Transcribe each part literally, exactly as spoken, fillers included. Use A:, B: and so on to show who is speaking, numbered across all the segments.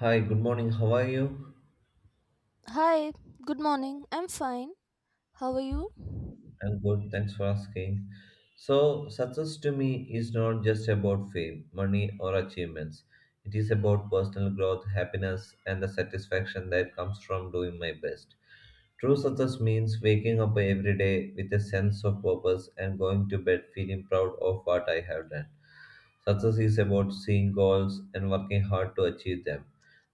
A: Hi, good morning. How are you?
B: Hi, good morning. I'm fine. How are you?
A: I'm good. Thanks for asking. So, success to me is not just about fame, money, or achievements. It is about personal growth, happiness, and the satisfaction that comes from doing my best. True success means waking up every day with a sense of purpose and going to bed feeling proud of what I have done. Success is about seeing goals and working hard to achieve them,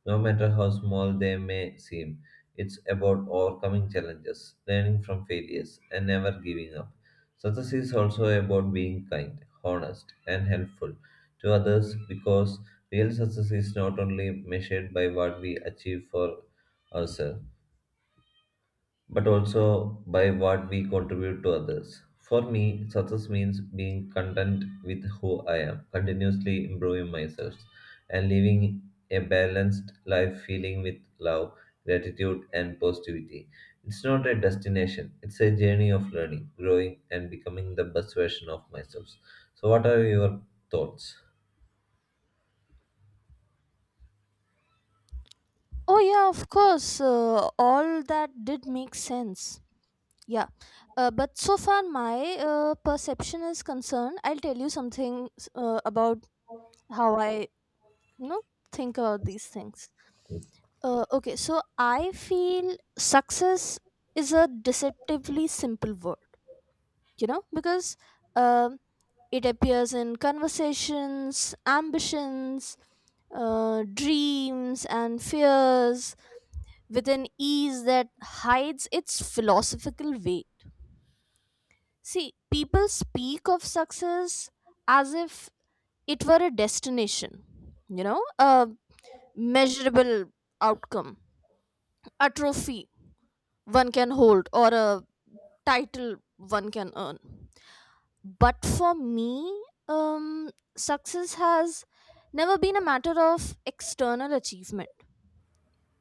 A: no matter how small they may seem. It's about overcoming challenges, learning from failures, and never giving up. Success is also about being kind, honest, and helpful to others because real success is not only measured by what we achieve for ourselves but also by what we contribute to others. For me, success means being content with who I am, continuously improving myself, and living a balanced life feeling with love, gratitude, and positivity. It's not a destination, it's a journey of learning, growing, and becoming the best version of myself. So, what are your thoughts?
B: Oh, yeah, of course. Uh, all that did make sense. Yeah. Uh, but so far, my uh, perception is concerned. I'll tell you something uh, about how I, you know, think about these things. Uh, okay, so I feel success is a deceptively simple word, you know, because um, it appears in conversations, ambitions, uh, dreams and fears with an ease that hides its philosophical weight. See, people speak of success as if it were a destination, you know, a measurable outcome, a trophy one can hold, or a title one can earn. But for me, um, success has never been a matter of external achievement.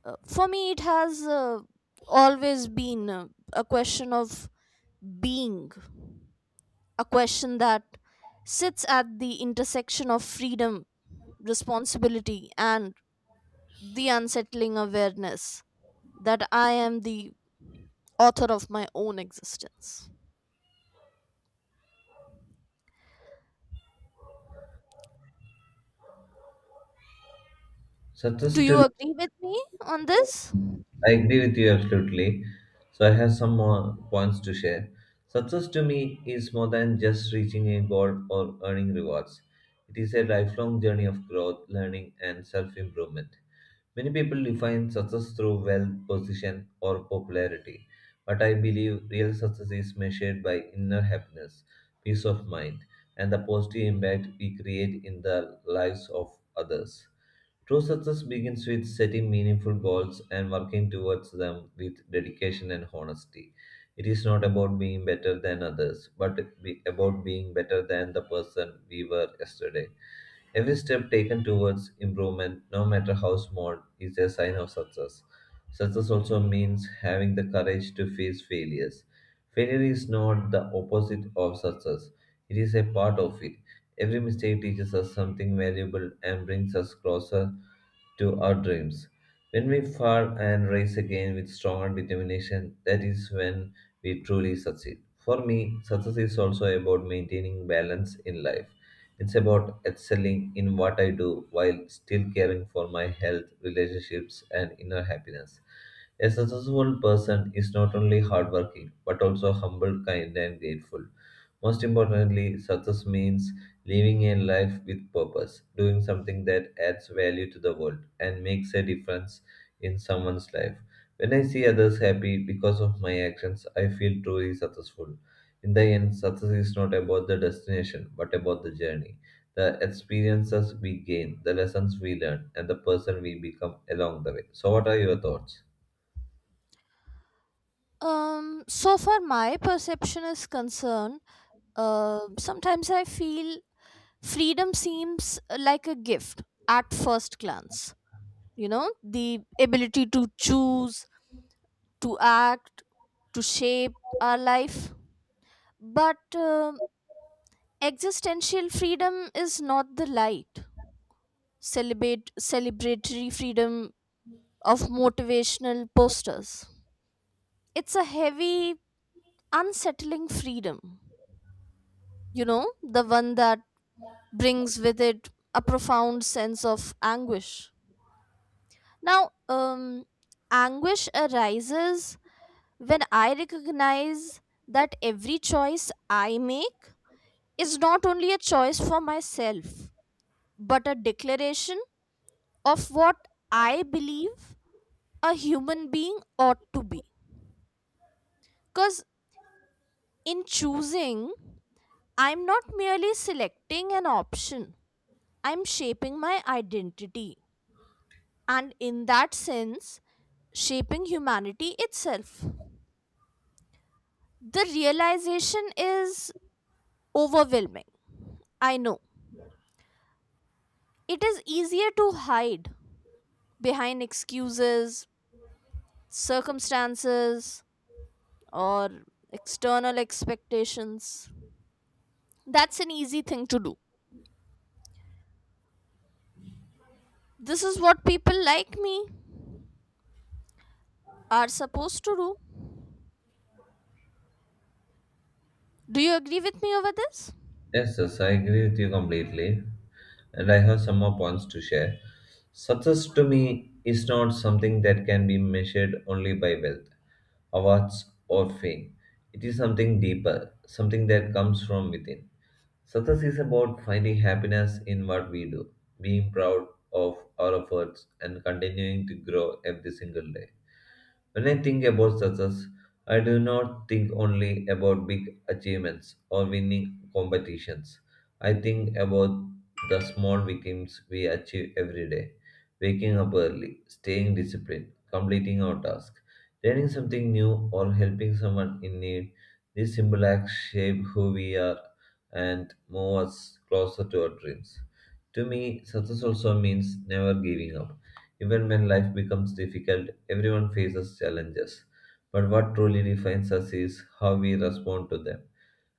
B: Uh, for me, it has uh, always been uh, a question of being, a question that sits at the intersection of freedom, responsibility, and the unsettling awareness that I am the author of my own existence.
A: Success
B: Do you
A: to
B: agree with me on this?
A: I agree with you absolutely. So I have some more points to share. Success to me is more than just reaching a goal or earning rewards. It is a lifelong journey of growth, learning, and self improvement. Many people define success through wealth, position, or popularity, but I believe real success is measured by inner happiness, peace of mind, and the positive impact we create in the lives of others. True success begins with setting meaningful goals and working towards them with dedication and honesty. It is not about being better than others, but be- about being better than the person we were yesterday. Every step taken towards improvement, no matter how small, is a sign of success. Success also means having the courage to face failures. Failure is not the opposite of success, it is a part of it. Every mistake teaches us something valuable and brings us closer to our dreams. When we fall and rise again with stronger determination, that is when we truly succeed. For me, success is also about maintaining balance in life. It's about excelling in what I do while still caring for my health, relationships, and inner happiness. A successful person is not only hardworking but also humble, kind, and grateful. Most importantly, success means living a life with purpose, doing something that adds value to the world and makes a difference in someone's life. When I see others happy because of my actions, I feel truly successful. In the end, success is not about the destination, but about the journey. The experiences we gain, the lessons we learn, and the person we become along the way. So, what are your thoughts?
B: Um, so far, my perception is concerned, uh, sometimes I feel freedom seems uh, like a gift at first glance, you know, the ability to choose, to act, to shape our life, but um existential freedom is not the light, celebrate celebratory freedom of motivational posters. It's a heavy, unsettling freedom, you know, the one that brings with it a profound sense of anguish. Now, um anguish arises when I recognize that every choice I make is not only a choice for myself, but a declaration of what I believe a human being ought to be. Because in choosing, I'm not merely selecting an option, I'm shaping my identity. And in that sense, shaping humanity itself. The realization is overwhelming. I know. It is easier to hide behind excuses, circumstances, or external expectations. That's an easy thing to do. This is what people like me are supposed to do. Do you agree with me over this?
A: Yes, yes, I agree with you completely. And I have some more points to share. Success to me is not something that can be measured only by wealth, awards, or fame. It is something deeper, something that comes from within. Success is about finding happiness in what we do, being proud of our efforts, and continuing to grow every single day. When I think about success, I do not think only about big achievements or winning competitions. I think about the small victims we achieve every day waking up early, staying disciplined, completing our task, learning something new, or helping someone in need. These simple acts shape who we are and move us closer to our dreams. To me, success also means never giving up even when life becomes difficult, everyone faces challenges. But what truly defines us is how we respond to them.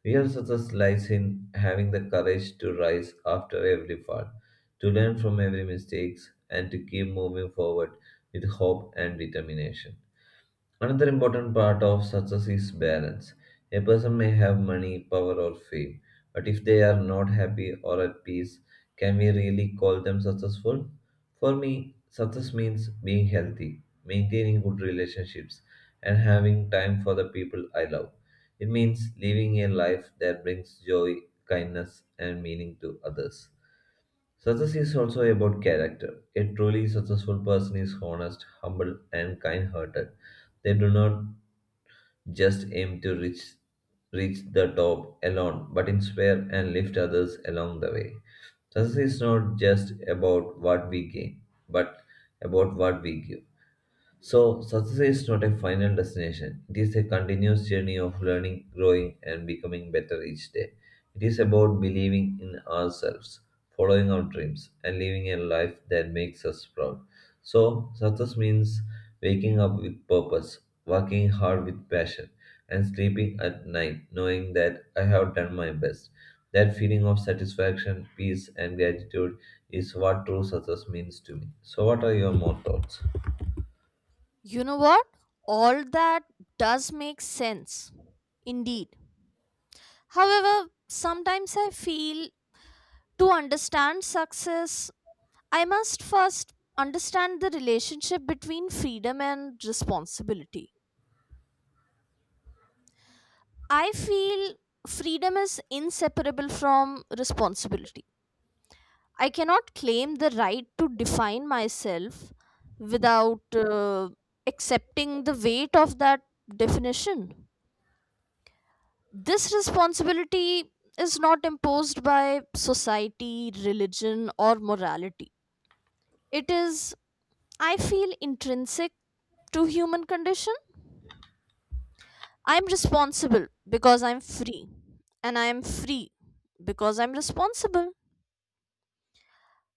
A: Real success lies in having the courage to rise after every fall, to learn from every mistakes, and to keep moving forward with hope and determination. Another important part of success is balance. A person may have money, power, or fame, but if they are not happy or at peace, can we really call them successful? For me, success means being healthy, maintaining good relationships, and having time for the people I love. It means living a life that brings joy, kindness, and meaning to others. Success is also about character. A truly successful person is honest, humble, and kind hearted. They do not just aim to reach reach the top alone, but inspire and lift others along the way. Success is not just about what we gain, but about what we give. So, success is not a final destination. It is a continuous journey of learning, growing, and becoming better each day. It is about believing in ourselves, following our dreams, and living a life that makes us proud. So, success means waking up with purpose, working hard with passion, and sleeping at night knowing that I have done my best. That feeling of satisfaction, peace, and gratitude is what true success means to me. So, what are your more thoughts?
B: You know what? All that does make sense. Indeed. However, sometimes I feel to understand success, I must first understand the relationship between freedom and responsibility. I feel freedom is inseparable from responsibility. I cannot claim the right to define myself without uh, accepting the weight of that definition. This responsibility is not imposed by society, religion, or morality. It is, I feel, intrinsic to human condition. I'm responsible because I'm free, and I am free because I'm responsible.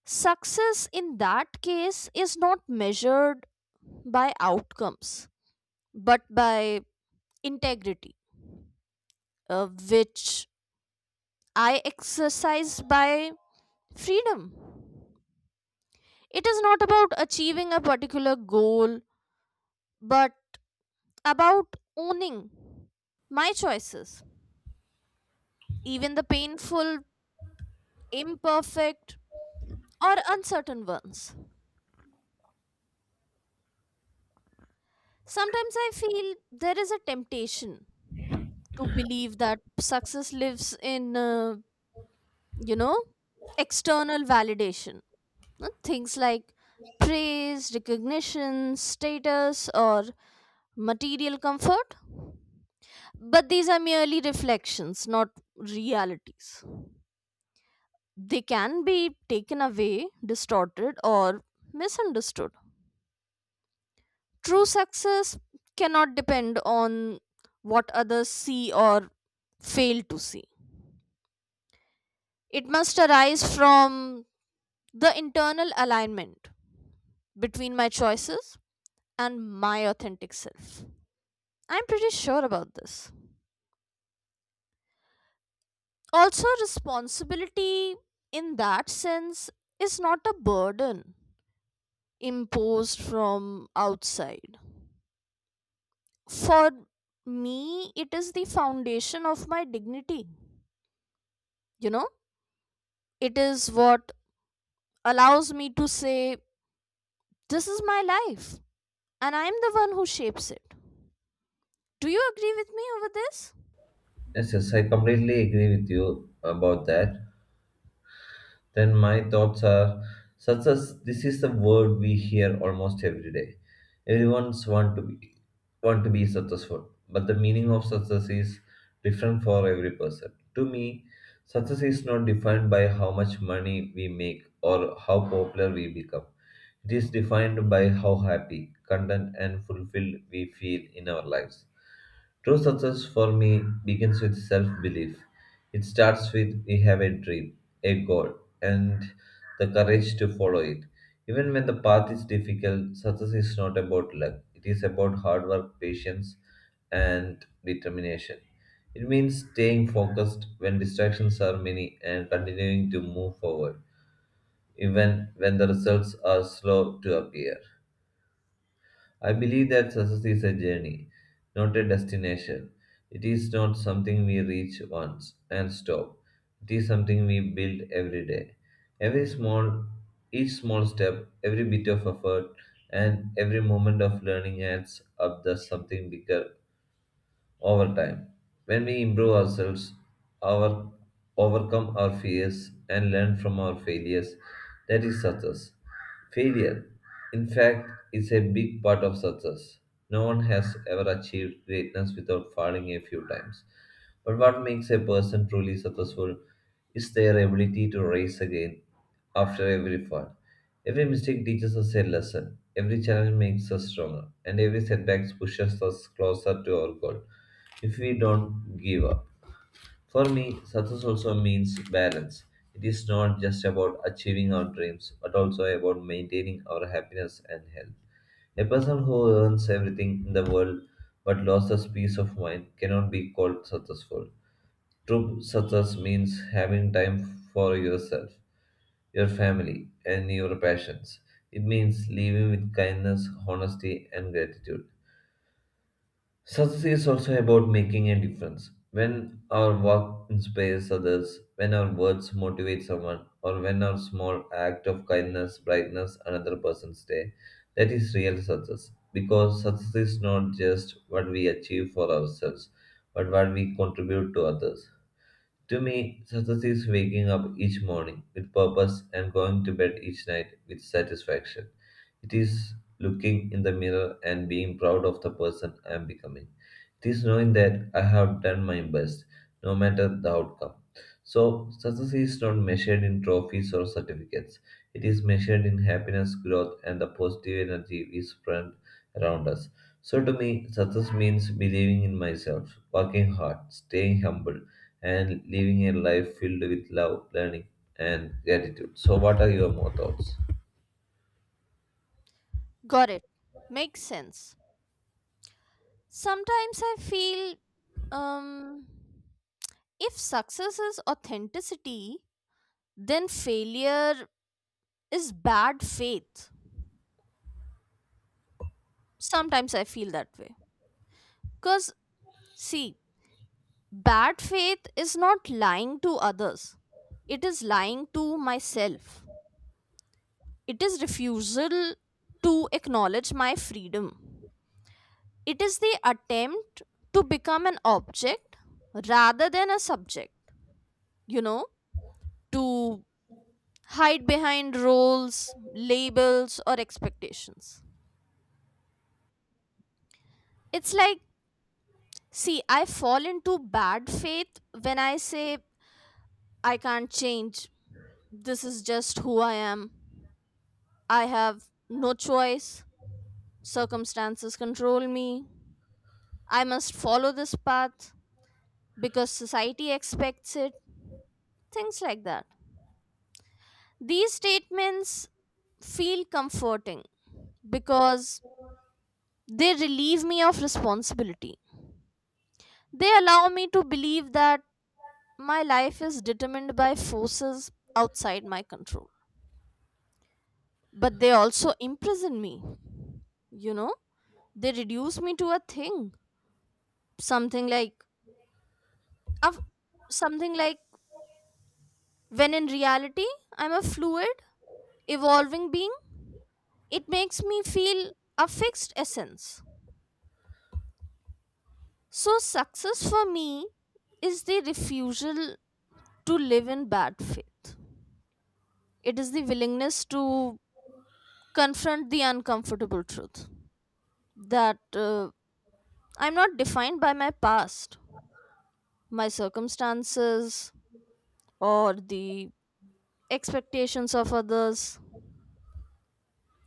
B: Success in that case is not measured by outcomes but by integrity, uh, which I exercise by freedom. It is not about achieving a particular goal but about owning my choices, even the painful, imperfect, or uncertain ones. Sometimes I feel there is a temptation to believe that success lives in, uh, you know, external validation, uh, things like praise, recognition, status, or material comfort, but these are merely reflections, not realities. They can be taken away, distorted, or misunderstood. True success cannot depend on what others see or fail to see. It must arise from the internal alignment between my choices and my authentic self. I'm pretty sure about this. Also, responsibility in that sense is not a burden imposed from outside. For me, it is the foundation of my dignity. You know, it is what allows me to say, "This is my life, and I'm the one who shapes it." Do you agree with me over this?
A: Yes, yes, I completely agree with you about that. Then my thoughts are such as this is the word we hear almost every day. Everyone's want to be want to be successful, but the meaning of success is different for every person. To me, success is not defined by how much money we make or how popular we become. It is defined by how happy, content, and fulfilled we feel in our lives. True success for me begins with self belief. It starts with we have a dream, a goal, and the courage to follow it. Even when the path is difficult, success is not about luck, it is about hard work, patience, and determination. It means staying focused when distractions are many and continuing to move forward, even when the results are slow to appear. I believe that success is a journey, not a destination. It is not something we reach once and stop. It is something we build every day. Every small, each small step, every bit of effort, and every moment of learning adds up to something bigger over time. When we improve ourselves, our overcome our fears and learn from our failures, that is success. Failure, in fact, is a big part of success. No one has ever achieved greatness without falling a few times. But what makes a person truly successful is their ability to rise again after every fall. Every mistake teaches us a lesson, every challenge makes us stronger, and every setback pushes us closer to our goal if we don't give up. For me, success also means balance. It is not just about achieving our dreams, but also about maintaining our happiness and health. A person who earns everything in the world but loses peace of mind cannot be called successful. True success means having time for yourself, your family, and your passions. It means living with kindness, honesty, and gratitude. Success is also about making a difference. When our work inspires others, when our words motivate someone, or when our small act of kindness brightens another person's day, that is real success. Because success is not just what we achieve for ourselves, but what we contribute to others. To me, success is waking up each morning with purpose and going to bed each night with satisfaction. It is looking in the mirror and being proud of the person I am becoming. It is knowing that I have done my best, no matter the outcome. So, success is not measured in trophies or certificates. It is measured in happiness, growth, and the positive energy we spread around us. So, to me, success means believing in myself, working hard, staying humble, and living a life filled with love, learning, and gratitude. So, what are your more thoughts?
B: Got it. Makes sense. Sometimes I feel, um, if success is authenticity, then failure is bad faith. Sometimes I feel that way. Because, see, bad faith is not lying to others, it is lying to myself. It is refusal to acknowledge my freedom. It is the attempt to become an object rather than a subject, you know, to hide behind roles, labels, or expectations. It's like, see, I fall into bad faith when I say, "I can't change. This is just who I am. I have no choice. Circumstances control me. I must follow this path because society expects it." Things like that. These statements feel comforting because they relieve me of responsibility. They allow me to believe that my life is determined by forces outside my control, but they also imprison me. You know, they reduce me to a thing, something like of something like, when in reality I'm a fluid, evolving being. It makes me feel a fixed essence. So success for me is the refusal to live in bad faith. It is the willingness to confront the uncomfortable truth that, uh, I'm not defined by my past, my circumstances, or the expectations of others.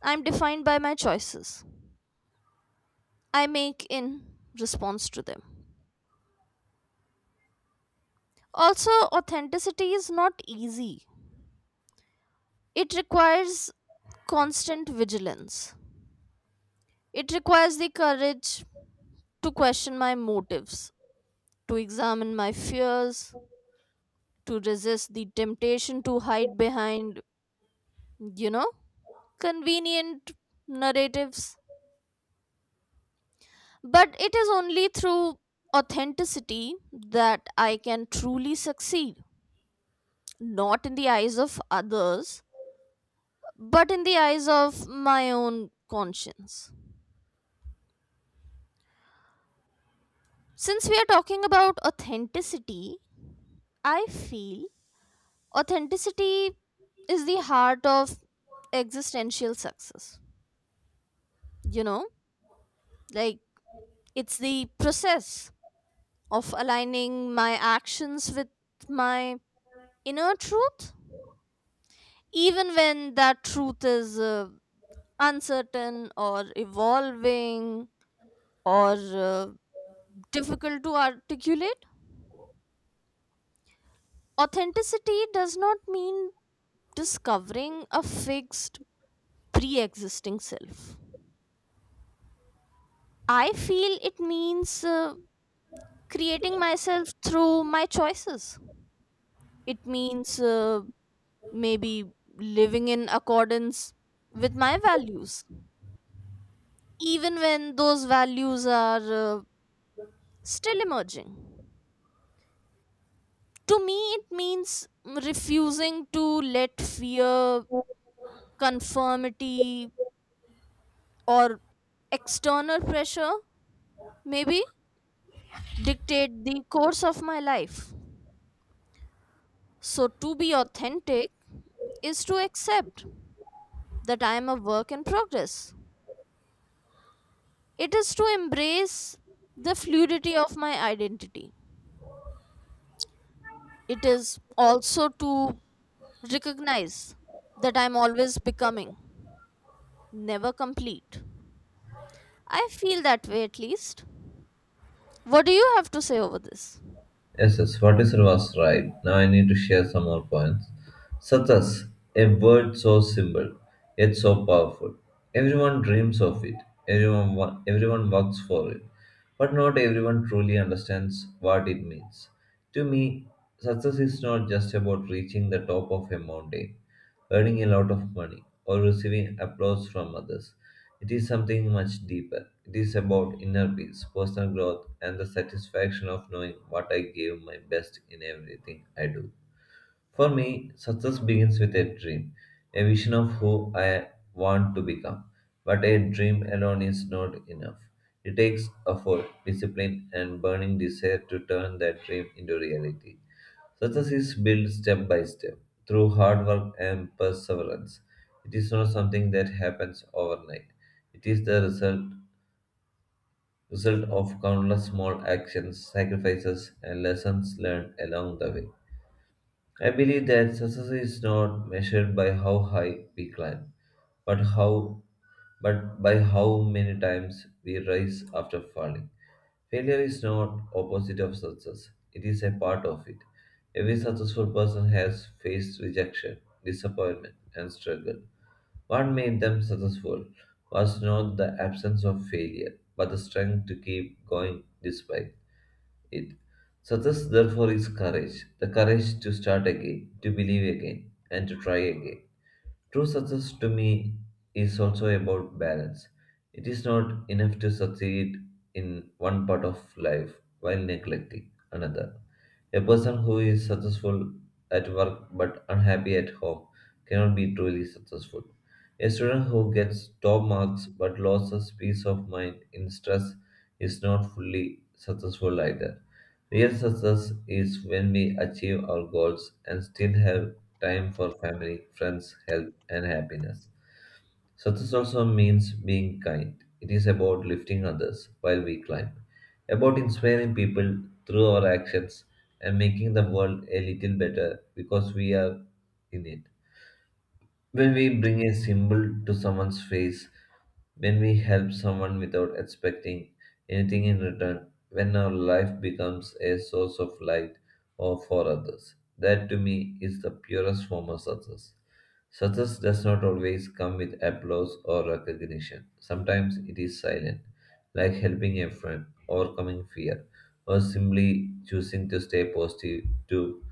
B: I'm defined by my choices I make in response to them. Also, authenticity is not easy, it requires constant vigilance. It requires the courage to question my motives, to examine my fears, to resist the temptation to hide behind, you know, convenient narratives. But it is only through authenticity that I can truly succeed, not in the eyes of others, but in the eyes of my own conscience. Since we are talking about authenticity, I feel authenticity is the heart of existential success. You know, like, it's the process of aligning my actions with my inner truth, even when that truth is, uh, uncertain or evolving, or uh, difficult to articulate. Authenticity does not mean discovering a fixed pre existing self. I feel it means, uh, creating myself through my choices. It means, uh, maybe living in accordance with my values, even when those values are, uh, still emerging. To me it means refusing to let fear, conformity, or external pressure maybe dictate the course of my life. So to be authentic is to accept that I am a work in progress. It is to embrace the fluidity of my identity. It is also to recognize that I'm always becoming, never complete. I feel that way, at least. What do you have to say over this?
A: Yes, yes, what is you was right. Now I need to share some more points. Such as a word so simple, yet so powerful. Everyone dreams of it. Everyone, wa- everyone works for it. But not everyone truly understands what it means. To me, success is not just about reaching the top of a mountain earning a lot of money, or receiving applause from others. It is something much deeper. It is about inner peace, personal growth, and the satisfaction of knowing what I gave my best in everything I do. For me, success begins with a dream, a vision of who I want to become. But a dream alone is not enough. It takes effort, discipline, and burning desire to turn that dream into reality. Success is built step by step through hard work and perseverance. It is not something that happens overnight. It is the result result of countless small actions, sacrifices, and lessons learned along the way. I believe that success is not measured by how high we climb, but how but by how many times we rise after falling. Failure is not opposite of success. It is a part of it. Every successful person has faced rejection, disappointment, and struggle. What made them successful was not the absence of failure, but the strength to keep going despite it. Success, therefore, is courage the courage to start again, to believe again, and to try again. True success to me is also about balance. It is not enough to succeed in one part of life while neglecting another. A person who is successful at work but unhappy at home cannot be truly successful. A student who gets top marks but loses peace of mind in stress is not fully successful either. Real success is when we achieve our goals and still have time for family, friends, health, and happiness. Success also means being kind. It is about lifting others while we climb, about inspiring people through our actions and making the world a little better because we are in it. When we bring a symbol to someone's face, when we help someone without expecting anything in return, when our life becomes a source of light or for others, that to me is the purest form of success. Success does not always come with applause or recognition. Sometimes it is silent, like helping a friend, overcoming fear, or simply choosing to stay positive to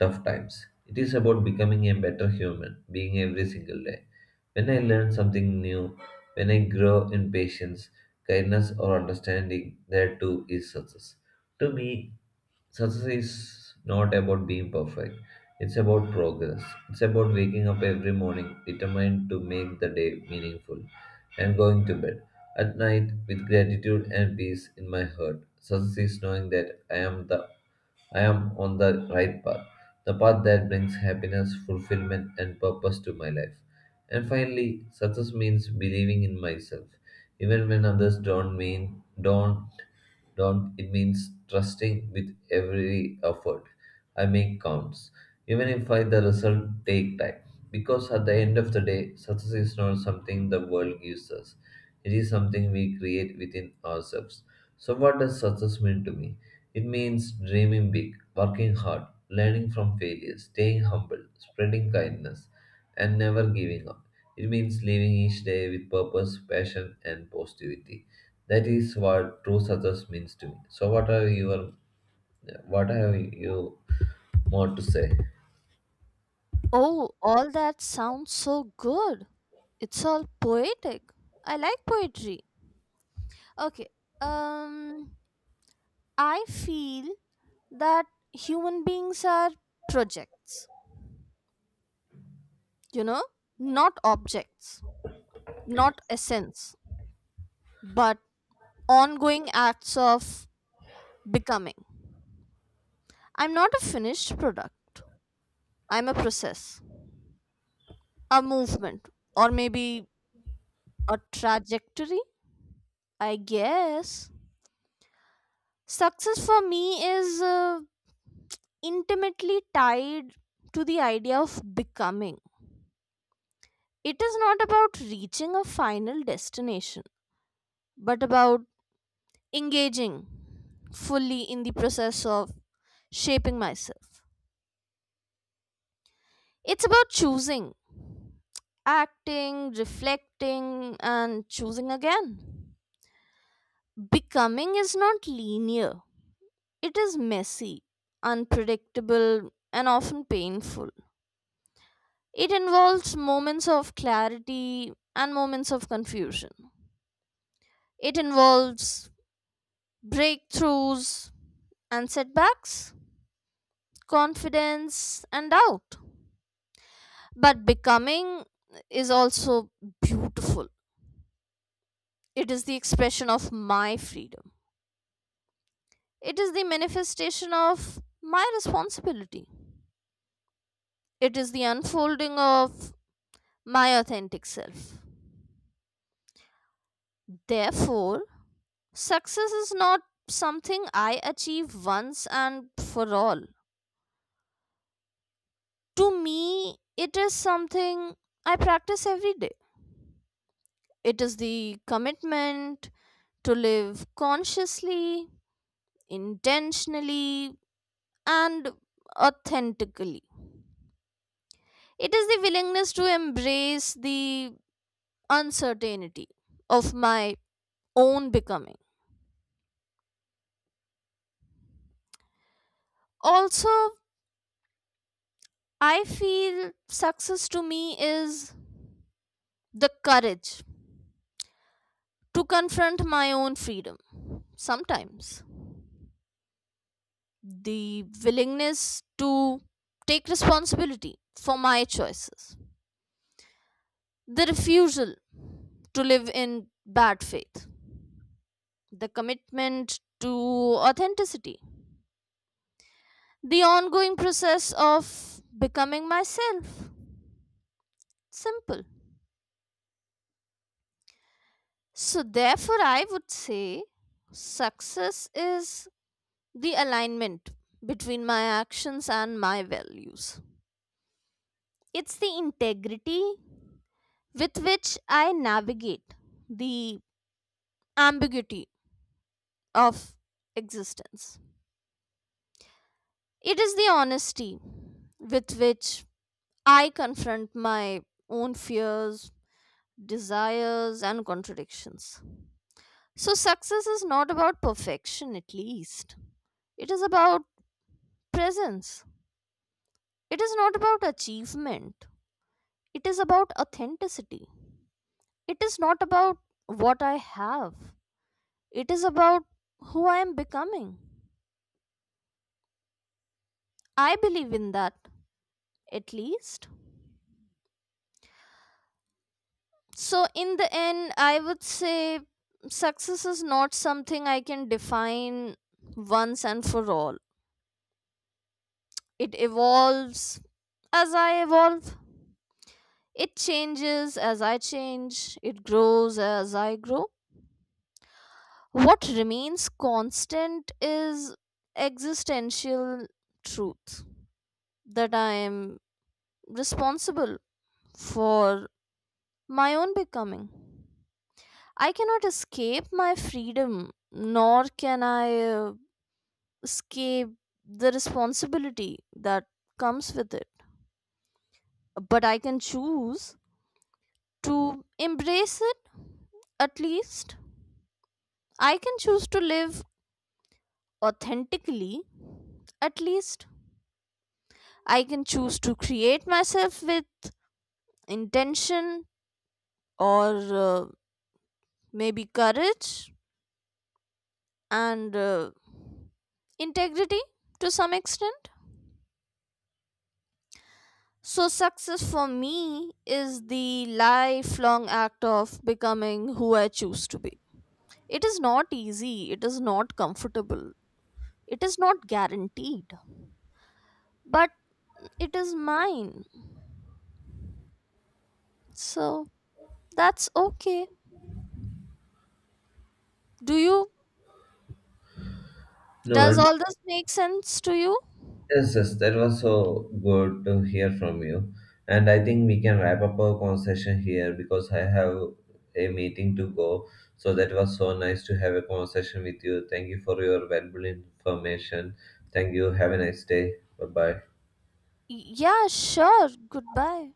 A: tough times. It is about becoming a better human, being every single day. When I learn something new, when I grow in patience, kindness, or understanding, there too is success. To me, success is not about being perfect. It's about progress. It's about waking up every morning determined to make the day meaningful and going to bed at night with gratitude and peace in my heart. Success is knowing that I am the I am on the right path, the path that brings happiness, fulfillment, and purpose to my life. And finally, success means believing in myself, even when others don't mean don't don't, it means trusting with every effort I make counts, even if I the result take time. Because at the end of the day, success is not something the world gives us. It is something we create within ourselves. So what does success mean to me? It means dreaming big, working hard, learning from failure, staying humble, spreading kindness, and never giving up. It means living each day with purpose, passion, and positivity. That is what true success means to me. So what are your what have you more to say?
B: Oh, all that sounds so good. It's all poetic. I like poetry. Okay. Um I feel that human beings are projects, you know, not objects, not essence, but ongoing acts of becoming. I'm not a finished product. I'm a process, a movement, or maybe a trajectory, I guess. Success for me is, uh, intimately tied to the idea of becoming. It is not about reaching a final destination, but about engaging fully in the process of shaping myself. It's about choosing, acting, reflecting, and choosing again. Becoming is not linear, it is messy, unpredictable, and often painful. It involves moments of clarity and moments of confusion. It involves breakthroughs and setbacks, confidence and doubt. But becoming is also beautiful. It is the expression of my freedom. It is the manifestation of my responsibility. It is the unfolding of my authentic self. Therefore, success is not something I achieve once and for all. To me, it is something I practice every day. It is the commitment to live consciously, intentionally, and authentically. It is the willingness to embrace the uncertainty of my own becoming. Also, I feel success to me is the courage to confront my own freedom. Sometimes the willingness to take responsibility for my choices, the refusal to live in bad faith, the commitment to authenticity, the ongoing process of becoming myself. Simple. So, therefore, I would say success is the alignment between my actions and my values. It's the integrity with which I navigate the ambiguity of existence. It is the honesty with which I confront my own fears, desires, and contradictions. So, success is not about perfection, at least. It is about presence. It is not about achievement. It is about authenticity. It is not about what I have. It is about who I am becoming. I believe in that, at least. So, in the end, I would say success is not something I can define once and for all. It evolves as I evolve, it changes as I change, it grows as I grow. What remains constant is existential truth that I am responsible for my own becoming. I cannot escape my freedom, nor can I, uh, escape the responsibility that comes with it. But I can choose to embrace it, at least. I can choose to live authentically, at least. I can choose to create myself with intention, or uh, maybe courage, and uh, integrity, to some extent. So, success for me is the lifelong act of becoming who I choose to be. It is not easy, it is not comfortable, it is not guaranteed, but it is mine. So, that's okay. Do you?
A: No,
B: Does all this make sense to you?
A: yes, yes, that was so good to hear from you. And I think we can wrap up our conversation here because I have a meeting to go. So that was so nice to have a conversation with you. Thank you for your valuable information. Thank you. Have a nice day. Bye bye.
B: Y- Yeah, sure. Goodbye.